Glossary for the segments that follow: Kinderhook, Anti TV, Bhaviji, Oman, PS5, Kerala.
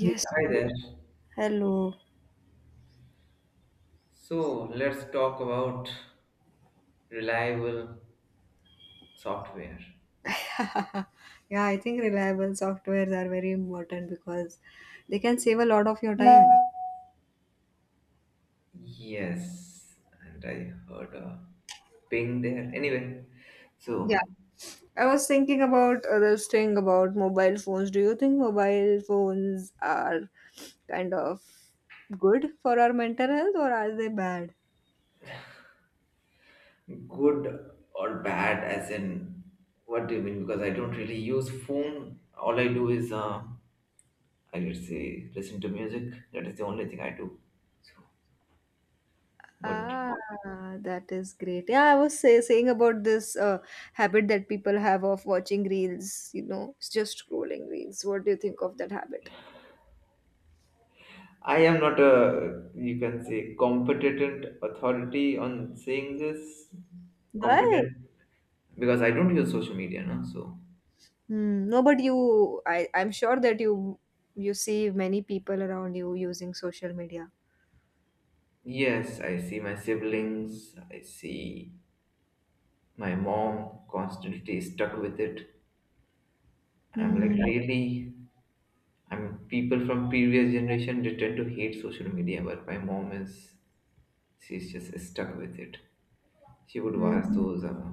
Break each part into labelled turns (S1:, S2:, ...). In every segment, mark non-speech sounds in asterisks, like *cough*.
S1: Yeah, hi there.
S2: Hello.
S1: So let's talk about reliable software.
S2: Yeah, I think reliable softwares are very important because they can save a lot of your time.
S1: Yes, and I heard a ping there. Anyway,
S2: Yeah.
S1: so
S2: I was thinking about this thing about mobile phones. Do you think mobile phones are kind of good for our mental health or are they bad?
S1: good or bad, as in what do you mean? Because I don't really use phone. All I do is I would say listen to music. That is the only thing I do. So, what?
S2: Ah, that is great. Yeah, saying about this habit that people have of watching reels, you know, just scrolling reels. What do you think of that habit?
S1: I am not a you can say competent authority on saying this
S2: What?
S1: competent because I don't use social media, no? So,
S2: Hmm. No, but I'm sure that you see many people around you using social media.
S1: yes, I see my siblings, I see my mom constantly stuck with it. I'm like,
S2: Hmm.
S1: really? I'm people from previous generation they tend to hate social media, but my mom is she's just stuck with it. She would watch
S2: Hmm.
S1: those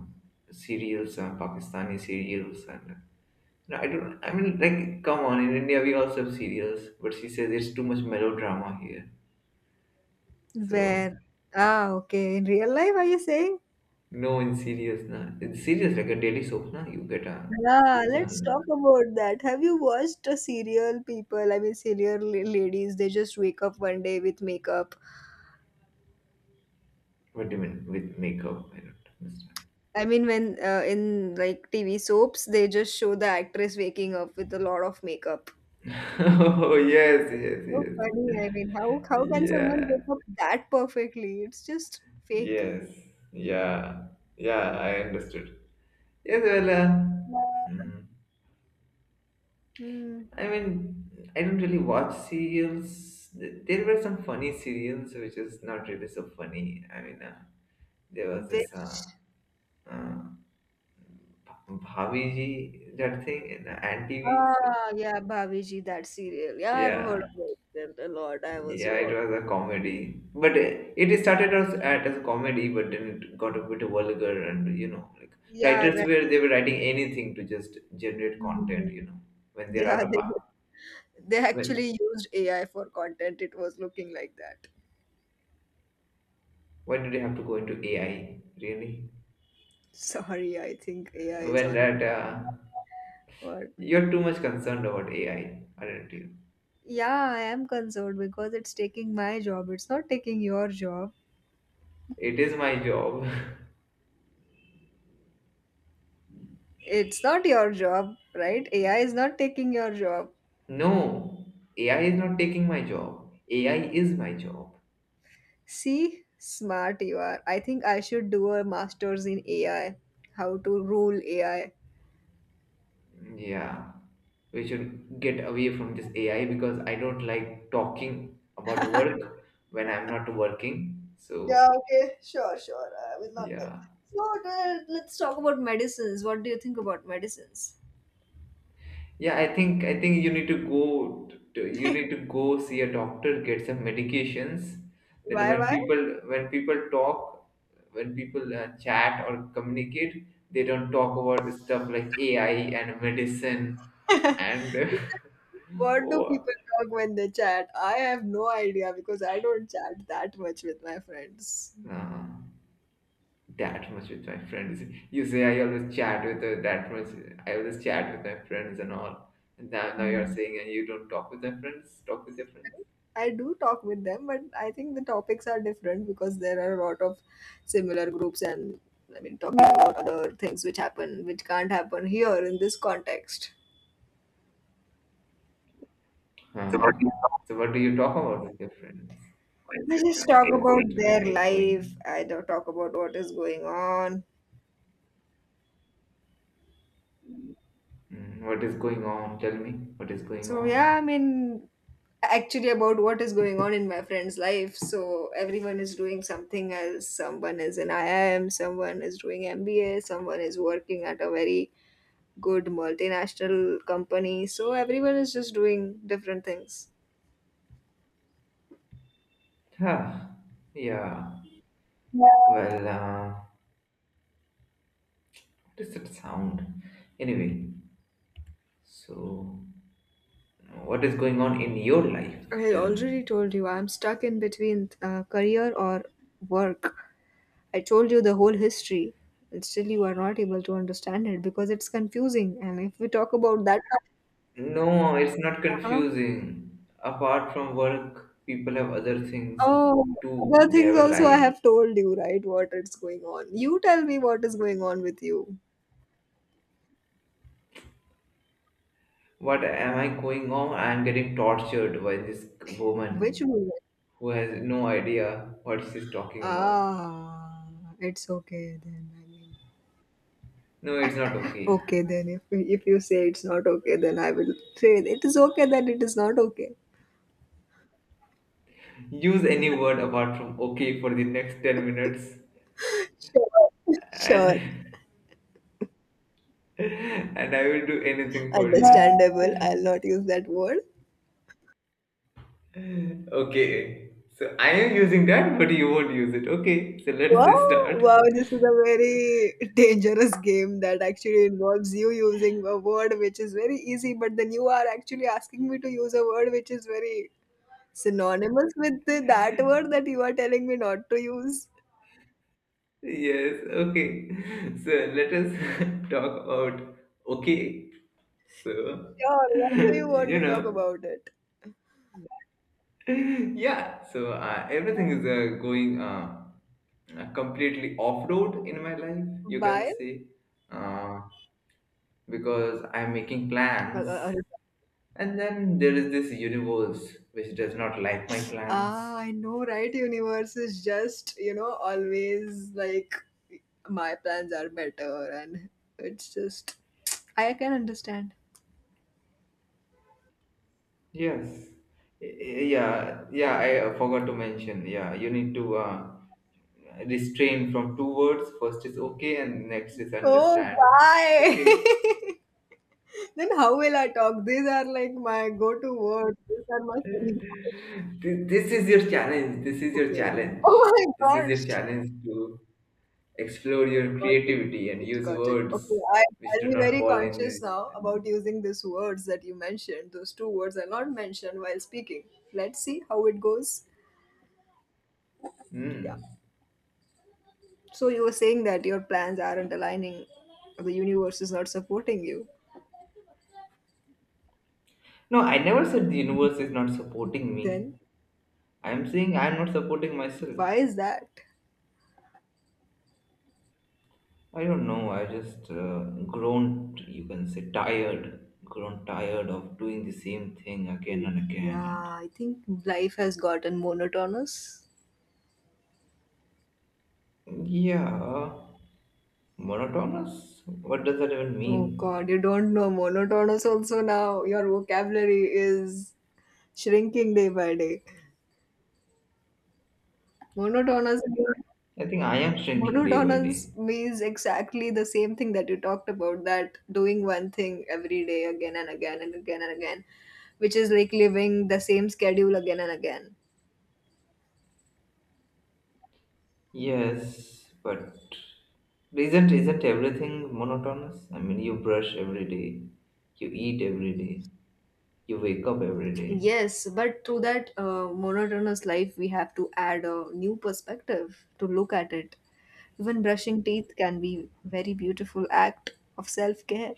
S1: serials, Pakistani serials, and no, I don't. I mean, like, come on, in India we also have serials, but she says it's too much melodrama here. So
S2: Where? Ah, okay. In real life, are you saying?
S1: no, in serious, na. In serious, like a daily soap, na. You get a see
S2: Yeah,
S1: it
S2: let's talk
S1: on.
S2: about that. Have you watched a serial people? I mean, serial ladies, they just wake up one day with makeup.
S1: What do you mean with makeup? I don't understand.
S2: I mean, when in like TV soaps, they just show the actress waking up with a lot of makeup.
S1: *laughs* Oh yes, yes,
S2: So
S1: yes.
S2: funny. I mean, how can someone
S1: Yeah.
S2: wake up that perfectly? It's just fake.
S1: Yes. Yeah. Yeah. I understood. Yes, well. Mm,
S2: Hmm.
S1: I mean, I don't really watch serials. There were some funny serials, which is not really so funny. I mean, there was this
S2: Which,
S1: uh, Bhaviji that thing in the Anti TV. So,
S2: ah, yeah, Bhaviji, that serial. Yeah, I've heard
S1: yeah,
S2: about it a lot. I also,
S1: yeah, it
S2: watched.
S1: was a comedy, but it started as a comedy, but then it got a bit vulgar, and you know, like
S2: Yeah,
S1: writers
S2: right.
S1: were they were writing anything to just generate
S2: Hmm.
S1: content, when they're
S2: Yeah,
S1: out of
S2: they
S1: when
S2: actually used AI for content. It was looking like that.
S1: when did you have to go into AI really?
S2: Sorry, I think AI is
S1: When
S2: on
S1: that
S2: my word.
S1: you're too much concerned about AI, aren't you?
S2: Yeah, I am concerned because it's taking my job. It's not taking your job.
S1: It is my job.
S2: It's not your job, right? AI is not taking your job.
S1: *laughs* No, AI is not taking my job. AI is my job.
S2: See, smart you are. I think I should do a master's in AI. How to rule AI.
S1: Yeah, we should get away from this AI because I don't like talking about work when I'm not working.
S2: Yeah,
S1: So
S2: okay, sure, sure. I will not talk.
S1: yeah,
S2: So let's talk about medicines. What do you think about medicines?
S1: yeah, I think you need you need to go see a doctor, get some medications. That
S2: Why?
S1: when people talk, when people chat or communicate, they don't talk about stuff like AI and medicine
S2: *laughs*
S1: and *laughs*
S2: What do
S1: oh,
S2: people talk when they chat? I have no idea because I don't chat that much with my friends.
S1: uh, that much with my friends. You say I always chat with that much. I always chat with my friends and all. And now you're saying and you don't talk with your friends. Talk with your friends.
S2: I do talk with them, but I think the topics are different because there are a lot of similar groups and I mean talking about other things which happen which can't happen here in this context.
S1: Huh? So what do you talk about with your friends?
S2: I just talk
S1: Why is
S2: about
S1: it
S2: their life.
S1: echoing?
S2: I don't talk about what is going on.
S1: Mm, what is going on? Tell me what is going
S2: So yeah,
S1: on.
S2: I mean actually about what is going on in my friend's life. So everyone is doing something else. Someone is in IIM, someone is doing MBA, someone is working at a very good multinational company. So everyone is just doing different things.
S1: Huh? Yeah. Well, what is that sound? Anyway, so what is going on in your life?
S2: I
S1: Tell me.
S2: already told you I'm stuck in between career or work. I told you the whole history, and still you are not able to understand it because it's confusing. And if we talk about that,
S1: No, it's not
S2: uh-huh,
S1: confusing. Apart from work, people have other things
S2: oh, other
S1: too. They
S2: things
S1: have a
S2: also I
S1: life.
S2: have told you, right? What is going on. You tell me what is going on with you.
S1: What am I going on? I'm getting tortured by this
S2: Which
S1: woman
S2: movie?
S1: who has no idea what she's talking about.
S2: Ah, it's okay then. I mean,
S1: No, it's not okay.
S2: okay, then if you say it's not okay, then I will say it is okay that it is not okay.
S1: Use any word apart from okay for the next 10 minutes
S2: Sure. *laughs* Sure,
S1: and *laughs* and I will do anything for
S2: understandable. I'll
S1: you.
S2: not use that word.
S1: Okay. So I am using that, but you won't use it. Okay. So
S2: Wow,
S1: let's start.
S2: wow, this is a very dangerous game that actually involves you using a word which is very easy, but then you are actually asking me to use a word which is very synonymous with that word that you are telling me not to use.
S1: Yes, okay. *laughs* So let us *laughs* talk about okay. So, *laughs*
S2: Sure, what do you want
S1: you
S2: to
S1: know,
S2: talk about it?
S1: *laughs* yeah, so everything is going completely off road in my life, you can
S2: Why?
S1: say, uh, because I'm making plans,
S2: A
S1: and then there is this universe which does not like my
S2: Ah,
S1: plans.
S2: I know, right? Universe is just, you know, always like my plans are better, and it's just, I can understand.
S1: Yes. Yeah, yeah, I forgot to mention. Yeah, you need to restrain from two words. First is okay, and next is
S2: Oh,
S1: understand.
S2: why?
S1: Okay,
S2: *laughs* Then how will I talk? These are like my go to words. These are my selling points.
S1: This is your challenge. This is your
S2: Okay.
S1: challenge.
S2: Oh my
S1: This is
S2: gosh.
S1: your challenge to explore your
S2: Got it.
S1: creativity and use words
S2: Okay,
S1: which
S2: I'll
S1: do
S2: be
S1: not
S2: very
S1: fall in
S2: conscious
S1: this.
S2: now about using these words that you mentioned. Those two words are not mentioned while speaking. Let's see how it goes. Yeah.
S1: Hmm.
S2: So you were saying that your plans aren't aligning, or the universe is not supporting you.
S1: No, I never said the universe is not supporting me.
S2: Then
S1: I'm saying I'm not supporting myself.
S2: why is that?
S1: I don't know. I just grown, you can say, tired. Grown tired of doing the same thing again and
S2: Yeah,
S1: again.
S2: I think life has gotten monotonous.
S1: Yeah, monotonous? What does that even
S2: Oh
S1: mean?
S2: God, you don't know monotonous also now. Your vocabulary is shrinking day by day. Monotonous
S1: I think I am shrinking day by
S2: monotonous
S1: day.
S2: means exactly the same thing that you talked about, that doing one thing every day again and again, which is like living the same schedule again and again.
S1: Yes, but isn't everything monotonous? I mean, you brush every day, you eat every day, you wake up every day.
S2: Yes, but through that monotonous life, we have to add a new perspective to look at it. Even brushing teeth can be very beautiful act of self care.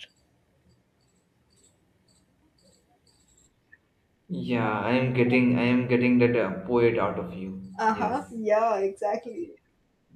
S1: Yeah, I am getting that poet out of you.
S2: Uh huh.
S1: Yes.
S2: Yeah, exactly.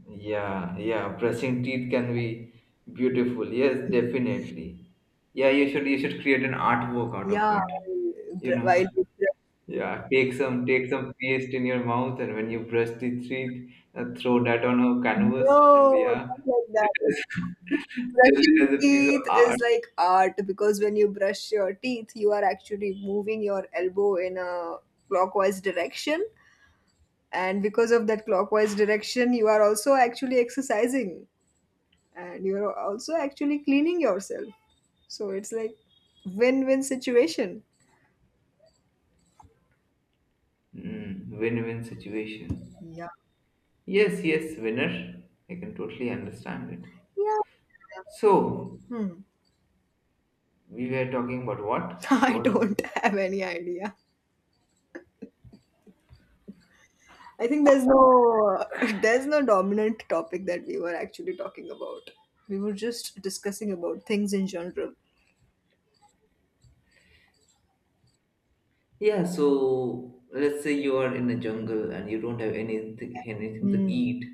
S1: Yeah, yeah, brushing teeth can be beautiful. Yes, definitely. Yeah, you should create an artwork out of
S2: Yeah,
S1: it,
S2: while br-
S1: you know.
S2: while we brush-
S1: Yeah, take some paste in your mouth, and when you brush the teeth, throw that on a canvas, and
S2: No,
S1: yeah,
S2: not like
S1: it
S2: that.
S1: is *laughs* sell it
S2: Brushing
S1: as a piece
S2: teeth
S1: of
S2: is
S1: art.
S2: like art because when you brush your teeth, you are actually moving your elbow in a clockwise direction and because of that clockwise direction you are also actually exercising and you are also actually cleaning yourself, so it's like win-win situation.
S1: Mm, win-win situation.
S2: Yeah.
S1: Yes, yes, winner. I can totally understand it.
S2: Yeah.
S1: So
S2: Hmm.
S1: we were talking about what?
S2: *laughs*
S1: I
S2: I
S1: forgot.
S2: don't have any idea. I think there's no, *laughs* there's no dominant topic that we were actually talking about. We were just discussing about things in general.
S1: Yeah, so let's say you are in a jungle and you don't have anything to
S2: Hmm.
S1: eat,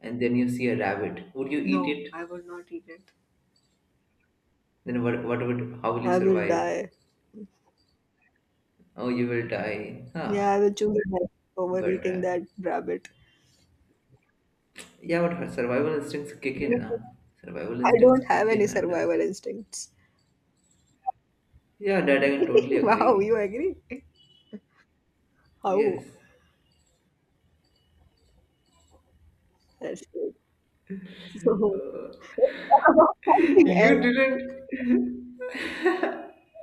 S1: and then you see a rabbit. Would you eat
S2: No, I
S1: it?
S2: will not eat it.
S1: Then what? What would? How will you
S2: I will
S1: survive?
S2: die.
S1: Oh, you will die.
S2: Yeah,
S1: Huh.
S2: I will choose it over
S1: But
S2: eating that rabbit.
S1: yeah, but her survival instincts kick in
S2: Yeah.
S1: now. Survival
S2: I
S1: instincts
S2: don't have
S1: kick
S2: any
S1: in, and
S2: survival instincts.
S1: yeah, that I can totally
S2: *laughs* Wow,
S1: agree.
S2: you agree? How?
S1: Yes.
S2: That's good. So, about
S1: *laughs*
S2: something
S1: You
S2: else.
S1: didn't.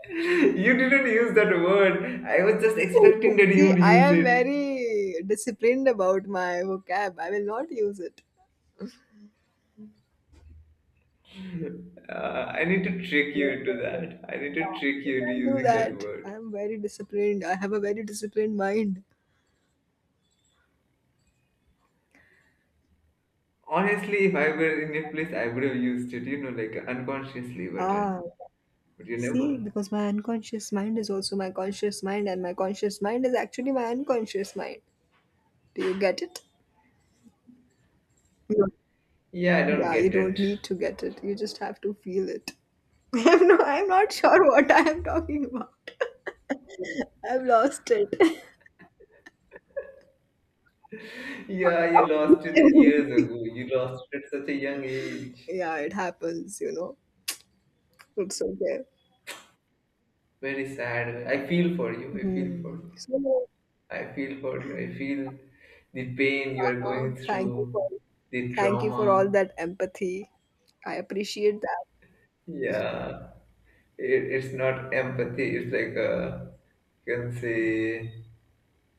S1: You didn't use that word. I was just expecting that you
S2: See,
S1: would
S2: I
S1: use
S2: am
S1: it.
S2: very disciplined about my vocab. I will not use it.
S1: I need to trick
S2: No,
S1: you
S2: no,
S1: into
S2: no.
S1: that. I need to trick
S2: You
S1: you into
S2: can't do
S1: using that
S2: that. I
S1: word.
S2: am very disciplined. I have a very disciplined mind.
S1: Honestly, if I were in your place, I would have used it. You know, like unconsciously,
S2: Ah,
S1: but you
S2: see,
S1: never.
S2: because my unconscious mind is also my conscious mind, and my conscious mind is actually my unconscious mind. Do you get it? No.
S1: Yeah, I don't
S2: Yeah, you
S1: get
S2: don't
S1: it.
S2: need to get it. You just have to feel it. *laughs* I'm not sure what I am talking about. *laughs* I've lost it.
S1: Yeah, you lost it years
S2: *laughs*
S1: ago. You lost it at such a young age.
S2: Yeah, it happens, you know. It's okay.
S1: Very sad. I feel for you. I feel for
S2: Hmm.
S1: you.
S2: So,
S1: I feel for you. I feel the pain you are
S2: uh,
S1: going
S2: thank you
S1: through,
S2: for
S1: the
S2: thank you for all
S1: trauma.
S2: that empathy. I appreciate that.
S1: Yeah, it's not empathy. It's like a, you can say,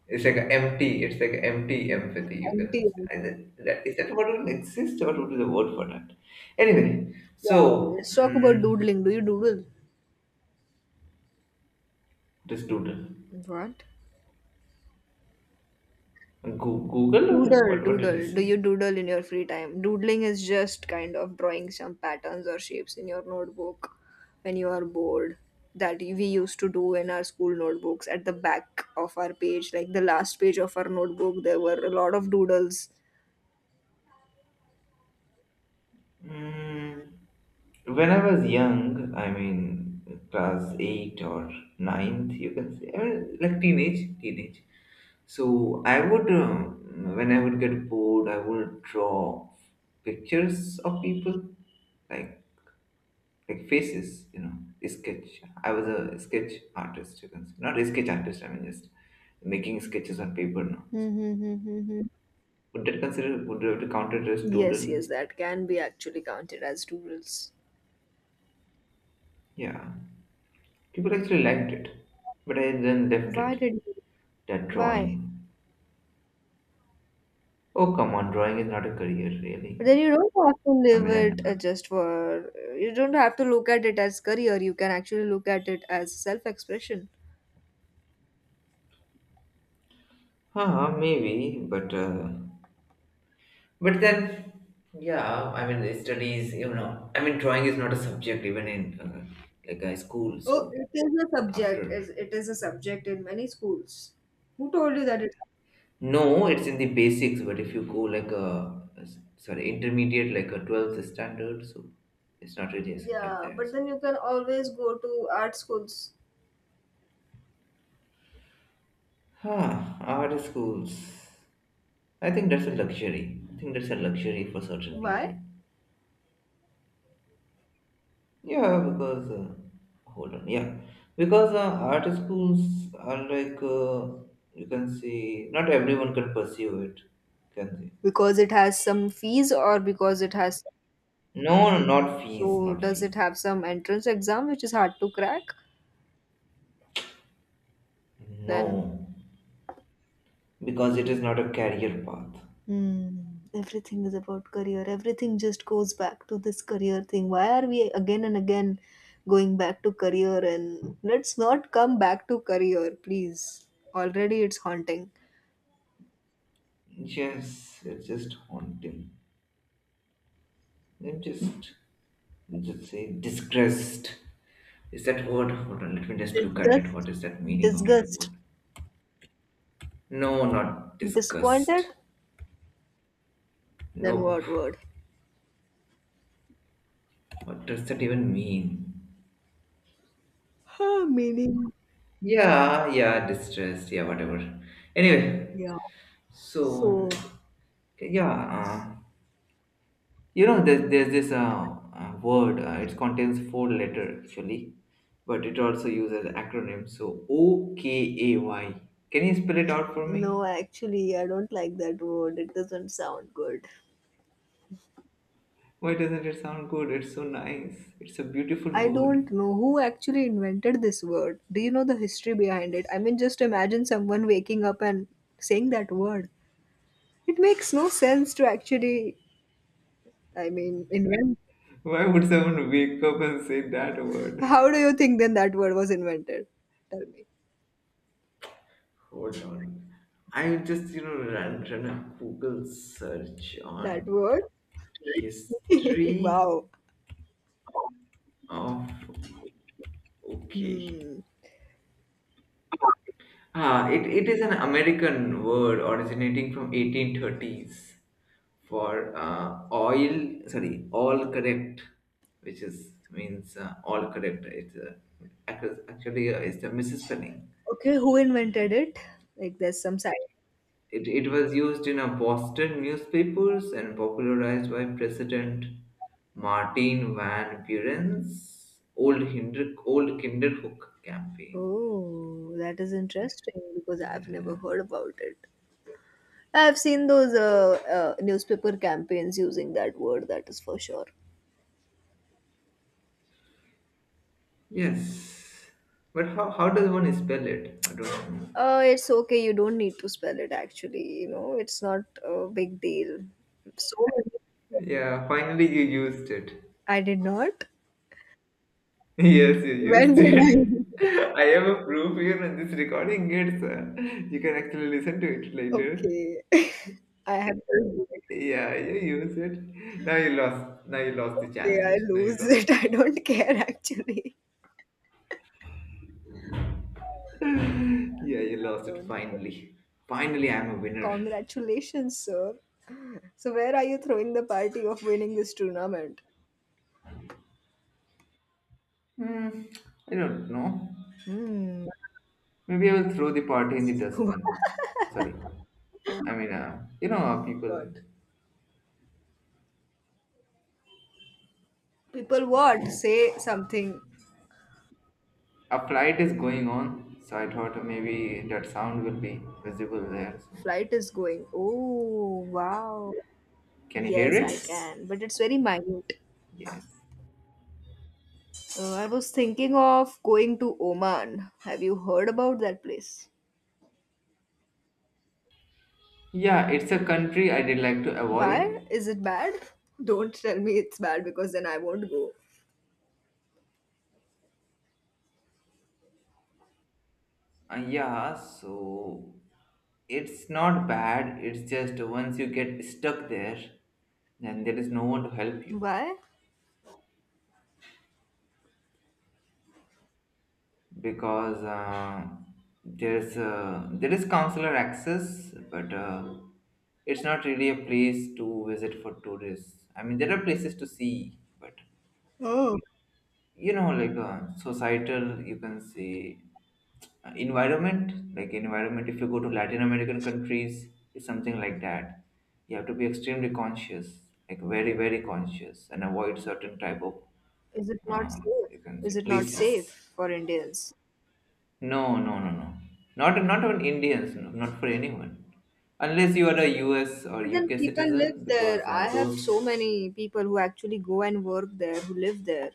S1: it's like a empty. It's like a empty empathy. You can
S2: Empty.
S1: say. That, is that word even exist? What would be the word for that? Anyway,
S2: Yeah.
S1: so
S2: Let's talk about
S1: mm,
S2: doodling. Do you doodle?
S1: this doodle.
S2: What?
S1: Google or
S2: Doodle,
S1: what? What did you
S2: doodle. Do
S1: say?
S2: you doodle in your free time? Doodling is just kind of drawing some patterns or shapes in your notebook when you are bored. That we used to do in our school notebooks at the back of our page, like the last page of our notebook, there were a lot of doodles.
S1: Mm, when I was young, I mean class eight or ninth, you can say, I mean like teenage. So I would, when I would get bored, I would draw pictures of people, like faces, you know, sketch. I was a sketch artist, you can say, not a sketch artist. I mean just making sketches on paper now. So
S2: Mm-hmm.
S1: would that consider? Would that count it as
S2: Yes,
S1: doodle?
S2: yes, that can be actually counted as doodles.
S1: Yeah. People actually liked it, but I then left
S2: Why
S1: it.
S2: did you?
S1: That
S2: Why?
S1: drawing. Oh, come on, drawing is not a career,
S2: But
S1: really.
S2: then you don't have to
S1: I
S2: live
S1: mean,
S2: it just for. You don't have to look at it as career. You can actually look at it as self expression.
S1: huh, maybe, but then, yeah, I mean, the studies, you know, I mean, drawing is not a subject even in like a school.
S2: Oh,
S1: So
S2: it is a subject.
S1: after,
S2: Is a subject in many schools. Who told you that it?
S1: no, it's in the basics. But if you go like a sorry intermediate, like a twelfth standard, so it's not really a subject
S2: Yeah,
S1: there.
S2: but
S1: So.
S2: then you can always go to art schools.
S1: Huh, art schools. I think that's a luxury. I think that's a luxury for certain people.
S2: Why?
S1: Yeah, because hold on. Yeah, because art schools are like you can say not everyone can pursue it. Can they?
S2: Because it has some fees, or because it has.
S1: No, not fees,
S2: So
S1: not
S2: does it
S1: fees.
S2: have some entrance exam which is hard to crack? Then
S1: No, because it is not a career path.
S2: hmm. Everything is about career. Everything just goes back to this career thing. Why are we again and again going back to career? And let's not come back to career, please. Already it's haunting.
S1: Yes, it's just haunting. I'm just, I'm just say disgraced. Is that word? Hold on, let me just look at it.
S2: Disgust,
S1: What is that meaning of that
S2: disgust,
S1: word? No, not
S2: disappointed.
S1: disgust.
S2: Then
S1: Nope.
S2: what word?
S1: What does that even mean?
S2: Huh, meaning,
S1: Yeah, yeah, distress. Yeah, whatever. Anyway,
S2: yeah.
S1: so
S2: So
S1: yeah, you know, there's this word. It contains four letter actually, but it also uses acronym. So OKAY. Can you spell it out for
S2: no,
S1: me?
S2: actually, I don't like that word. It doesn't sound good.
S1: Why doesn't it sound good? It's so nice. It's a beautiful
S2: I don't
S1: word.
S2: know who actually invented this word. Do you know the history behind it? I mean, just imagine someone waking up and saying that word. It makes no sense to actually, I mean, invent.
S1: Why would someone wake up and say that word?
S2: How do you think then that word was invented? Tell me.
S1: Hold on. I just, you know, ran a Google search
S2: That
S1: on
S2: word? *laughs*
S1: history
S2: Wow.
S1: of. Okay.
S2: Hmm.
S1: Ah, it is an American word originating from 1830s for all correct, which is means all correct. It's actually it's a misspelling.
S2: Okay, who invented it? Like there's some side.
S1: It was used in a Boston newspapers and popularized by President Martin Van Buren's old Kinderhook campaign.
S2: Oh, that is interesting because I've never heard about it. I've seen those newspaper campaigns using that word, that is for sure.
S1: Yes. But how does one spell it? I don't know.
S2: It's okay, you don't need to spell it actually, you know, it's not a big deal. So many.
S1: Yeah, finally you used it. *laughs*
S2: I did not.
S1: Yes, you
S2: When
S1: used
S2: did
S1: it.
S2: I?
S1: *laughs* I have a proof here on this recording it's sir. You can actually listen to it later.
S2: Okay. *laughs* I have to lose it.
S1: Yeah, you use it. Now you lost. Now you lost the
S2: Okay, I
S1: challenge. Now you
S2: lose it. *laughs*
S1: lost
S2: I
S1: it.
S2: don't care actually.
S1: *laughs* Yeah, you
S2: I
S1: lost it
S2: don't care.
S1: finally. Finally, I'm a winner.
S2: Congratulations, sir. So, where are you throwing the party of winning this tournament?
S1: Hmm, I don't know.
S2: Hmm.
S1: Maybe I will throw the party in the
S2: *laughs*
S1: dustbin. Sorry. I mean, you know, people.
S2: What? People what? Say something.
S1: A flight is going on, so I thought maybe that sound will be visible there. So,
S2: Flight is going. Oh, wow.
S1: can you hear
S2: Yes, I
S1: it?
S2: can. But it's very minute.
S1: Yes.
S2: I was thinking of going to Oman. Have you heard about that place?
S1: Yeah, it's a country I did like to avoid.
S2: Why? Is it bad? Don't tell me it's bad because then I won't go.
S1: Yeah, so it's not bad. It's just once you get stuck there, then there is no one to help you.
S2: Why?
S1: Because there is counselor access, but it's not really a place to visit for tourists. I mean, there are places to see, but
S2: Oh,
S1: you know, like societal, you can say environment, like environment if you go to Latin American countries, it's something like that. You have to be extremely conscious, like very very conscious, and avoid certain type of
S2: is it not
S1: uh,
S2: safe?
S1: you can say
S2: Is it not safe
S1: places.
S2: for Indians?
S1: No, no, no, no. Not even Indians. No, not for anyone, unless you are a U.S. or
S2: But then
S1: U.K.
S2: people live
S1: citizen,
S2: there.
S1: because
S2: I have
S1: those.
S2: so many people who actually go and work there, who live there.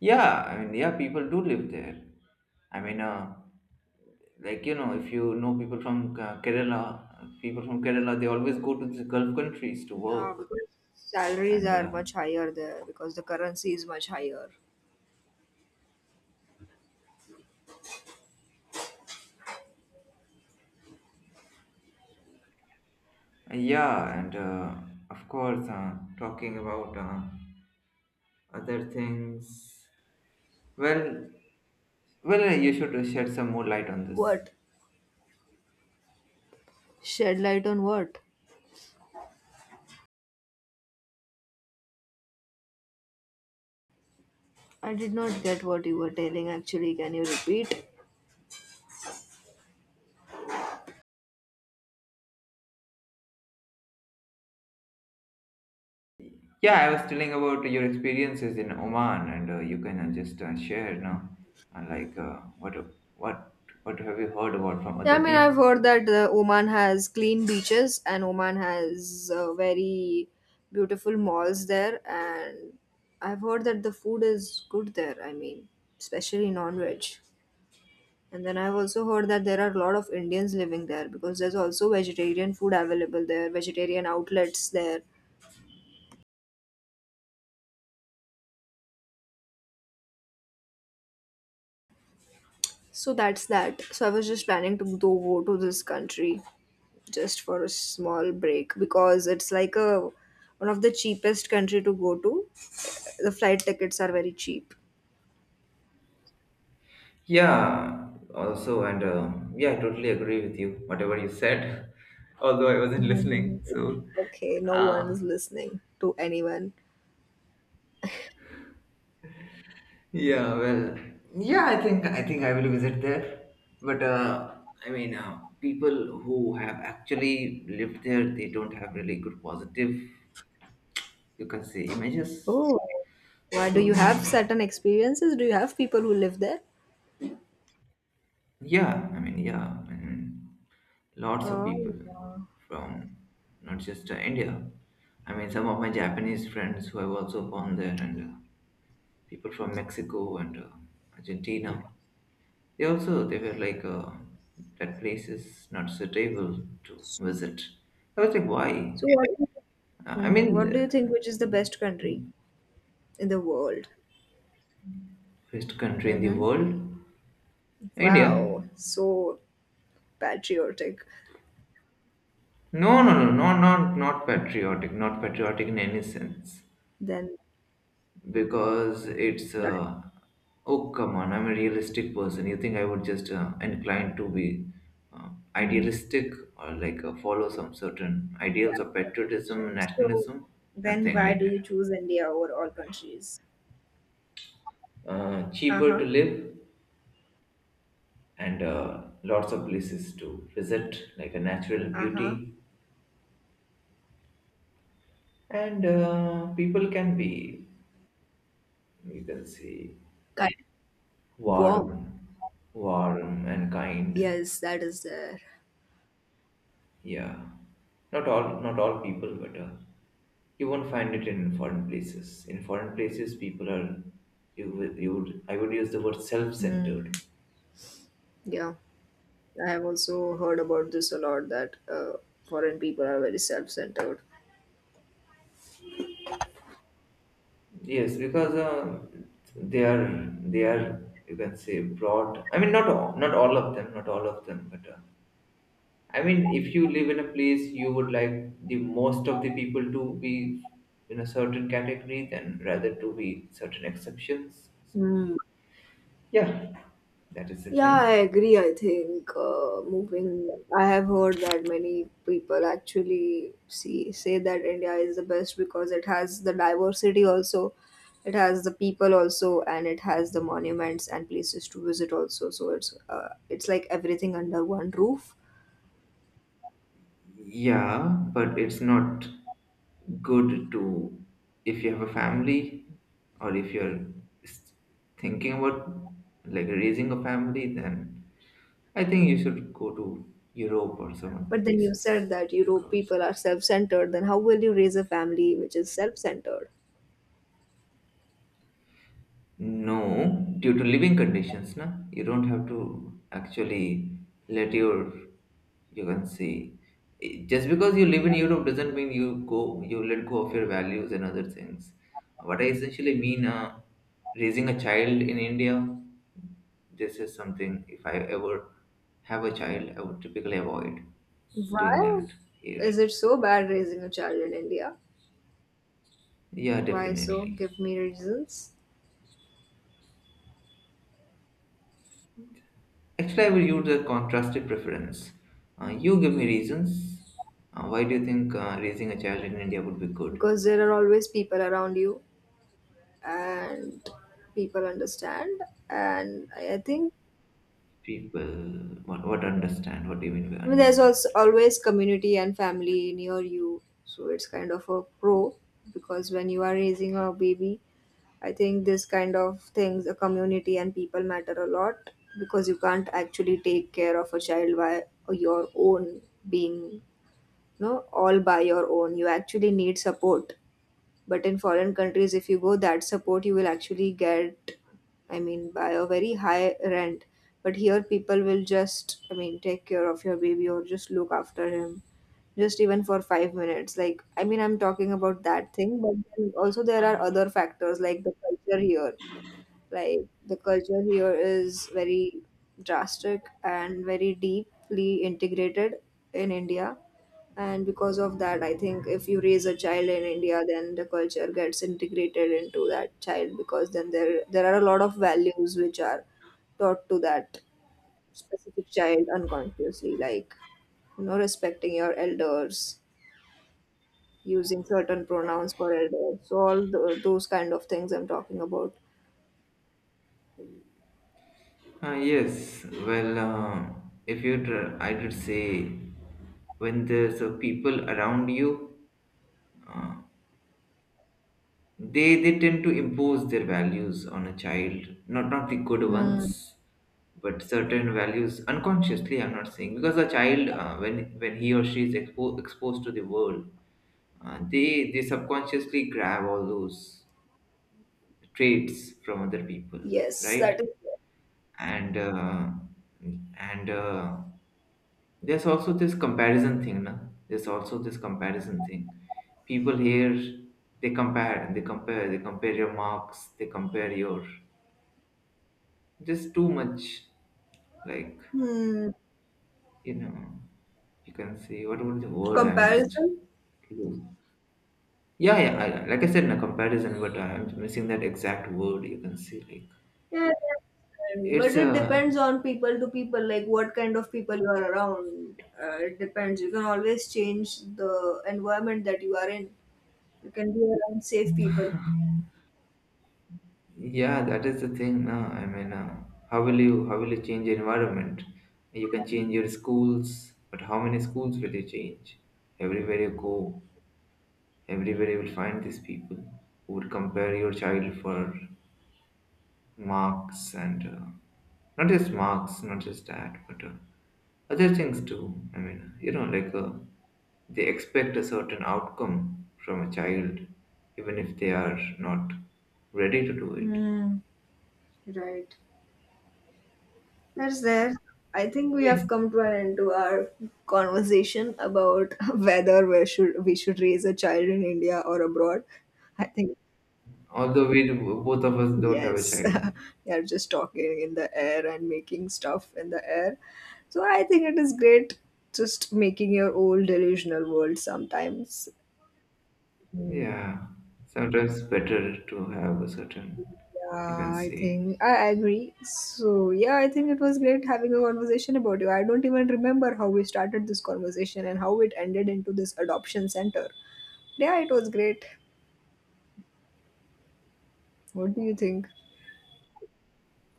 S1: Yeah, I mean, yeah, people do live there. I mean, uh, like you know, if you know people from Kerala, people from Kerala, they always go to the Gulf countries to
S2: Yeah,
S1: work.
S2: because salaries
S1: And
S2: are much higher there because the currency is much higher.
S1: yeah, and of course, Talking about other things. Well, well, you should shed some more light on this.
S2: What? Shed light on what? I did not get what you were telling actually. Can you repeat?
S1: Yeah, I was telling about your experiences in Oman, and you can just share now, uh, like uh, what what what have you heard about from
S2: Yeah, I
S1: other
S2: mean, I've
S1: people?
S2: heard that Oman has clean beaches and Oman has very beautiful malls there. And I've heard that the food is good there. I mean, especially non veg. And then I've also heard that there are a lot of Indians living there because there's also vegetarian food available there, vegetarian outlets there. So that's that. So I was just planning to go to this country just for a small break because it's like a one of the cheapest country to go to. The flight tickets are very cheap.
S1: Yeah, also, and yeah, I totally agree with you. Whatever you said, *laughs* although I wasn't
S2: Mhm.
S1: listening. So,
S2: Okay, no one
S1: uh,
S2: is listening to anyone.
S1: yeah, well, yeah, I think I will visit there, but people who have actually lived there, they don't have really good positive, you can say, images.
S2: Oh, why do
S1: So
S2: you
S1: yeah,
S2: have certain experiences? Do you have people who live there?
S1: yeah. I mean, yeah. I mean, lots of people
S2: Oh,
S1: from not just India. I mean, some of my Japanese friends who have also gone there, and people from Mexico and Argentina. They were like, that place is not suitable to visit. I was like, why?
S2: so what?
S1: I
S2: Mm-hmm.
S1: mean,
S2: What do you
S1: the
S2: think which is the best country in the world?
S1: Best country in the
S2: Mm-hmm.
S1: world,
S2: Wow,
S1: India.
S2: so patriotic.
S1: No, no, no, no, not patriotic, not patriotic in any sense.
S2: Then
S1: Because it's
S2: that,
S1: oh come on, I'm a realistic person. You think I would just inclined to be uh,
S2: mhm,
S1: idealistic, or like follow some certain ideals of patriotism,
S2: right. So
S1: nationalism?
S2: then
S1: Nothing
S2: why
S1: like
S2: do you
S1: that.
S2: choose India over all countries?
S1: Cheaper to
S2: Uh-huh.
S1: live, and lots of places to visit, like a natural
S2: Uh-huh.
S1: beauty, and people can be, you can see,
S2: Kind of warm.
S1: warm. Warm and kind.
S2: Yes, that is there.
S1: Yeah, not all, not all people, but you won't find it in foreign places. In foreign places, people are, you would, I would use the word self-centered.
S2: Mm, yeah, I have also heard about this a lot that foreign people are very self-centered.
S1: Yes, because they are you can say broad. I mean, not all, not all of them, not all of them, but I mean, if you live in a place, you would like the most of the people to be in a certain category, then rather to be certain exceptions. So
S2: Mm,
S1: yeah, that is the
S2: yeah, I
S1: thing.
S2: agree. I think moving. I have heard that many people actually see say that India is the best because it has the diversity also, it has the people also, and it has the monuments and places to visit also. So it's like everything under one roof.
S1: Yeah, but it's not good to, if you have a family, or if you're s- thinking about like raising a family, then I think you should go to Europe or some other
S2: But then you
S1: places.
S2: said that Europe
S1: Because
S2: people are self-centered. Then how will you raise a family which is self-centered?
S1: no, due to living conditions, na, you don't have to actually let your, you can see, eh, just because you live in Europe doesn't mean you go, you let go of your values and other things. What I essentially mean, raising a child in India, this is something, if I ever have a child, I would typically avoid doing
S2: Why
S1: that here.
S2: is it so bad raising a child in India?
S1: Yeah,
S2: Why so?
S1: definitely.
S2: Give me reasons.
S1: Actually, I will use a contrastive preference. You give me reasons. Why do you think raising a child in India would be good?
S2: Because there are always people around you and people understand and I think.
S1: People, what understand? What do you mean by
S2: I mean, there's also
S1: understand?
S2: always community and family near you, so it's kind of a pro because when you are raising a baby, I think this kind of things, a community and people, matter a lot because you can't actually take care of a child by your own being, you know all by your own. You actually need support, but in foreign countries, if you go, that support you will actually get, I mean, by a very high rent. But here people will just, I mean, take care of your baby or just look after him just even for 5 minutes, like, I mean, I'm talking about that thing. But then also there are other factors like the culture here. Like, the culture here is very drastic and very deeply integrated in India. And because of that, I think if you raise a child in India, then the culture gets integrated into that child because then there are a lot of values which are taught to that specific child unconsciously, like, respecting your elders, using certain pronouns for elders. So all the, those kind of things I'm talking about.
S1: Yes, well, if you, I would say, when there's people around you, uh, they tend to impose their values on a child, not the good
S2: Mm.
S1: ones, but certain values unconsciously. I'm not saying, because a child, when he or she is exposed to the world, they subconsciously grab all those traits from other people,
S2: Yes, that is.
S1: right? And uh, and There's also this comparison thing, na, there's also this comparison thing people here, they compare they compare your marks, they compare your, just too much, like
S2: Hmm.
S1: you know, you can say, what was the word I'm just
S2: Comparison?
S1: lose. Yeah, yeah, I, like I said, in a comparison, but I'm missing that exact word, you can see, like
S2: Yeah, I understand. But
S1: it's
S2: it
S1: a.
S2: depends on people to people, like, what kind of people you are around. It depends. You can always change the environment that you are in. You can be around safe people.
S1: Yeah, that is the thing. No, I mean, how will you change your environment? You can change your schools, but how many schools will you change? Everywhere you go, everywhere you will find these people who would compare your child for marks, and not just marks, not just that, but other things too. I mean, you know, like they expect a certain outcome from a child, even if they are not ready to do it.
S2: Hmm. Right. That's there. I think we have come to an end to our conversation about *laughs* whether we should raise a child in India or abroad. I think.
S1: Although we both of us don't have a
S2: Yes,
S1: child.
S2: *laughs* they're just talking in the air and making stuff in the air. So I think it is great just making your own delusional world sometimes. Mm.
S1: Yeah. Sometimes better to have a certain, you
S2: Yeah,
S1: can
S2: I
S1: say.
S2: think I agree. So yeah, I think it was great having a conversation about you. I don't even remember how we started this conversation and how it ended into this adoption center. Yeah, it was great. What do you think?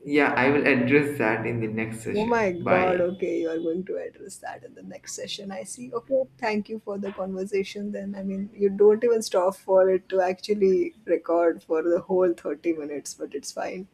S1: Yeah, I will address that in the next
S2: Oh my
S1: session.
S2: God.
S1: Bye.
S2: Okay. You are going to address that in the next session. I see. Okay. Thank you for the conversation. Then, I mean, you don't even stop for it to actually record for the whole 30 minutes, but it's fine.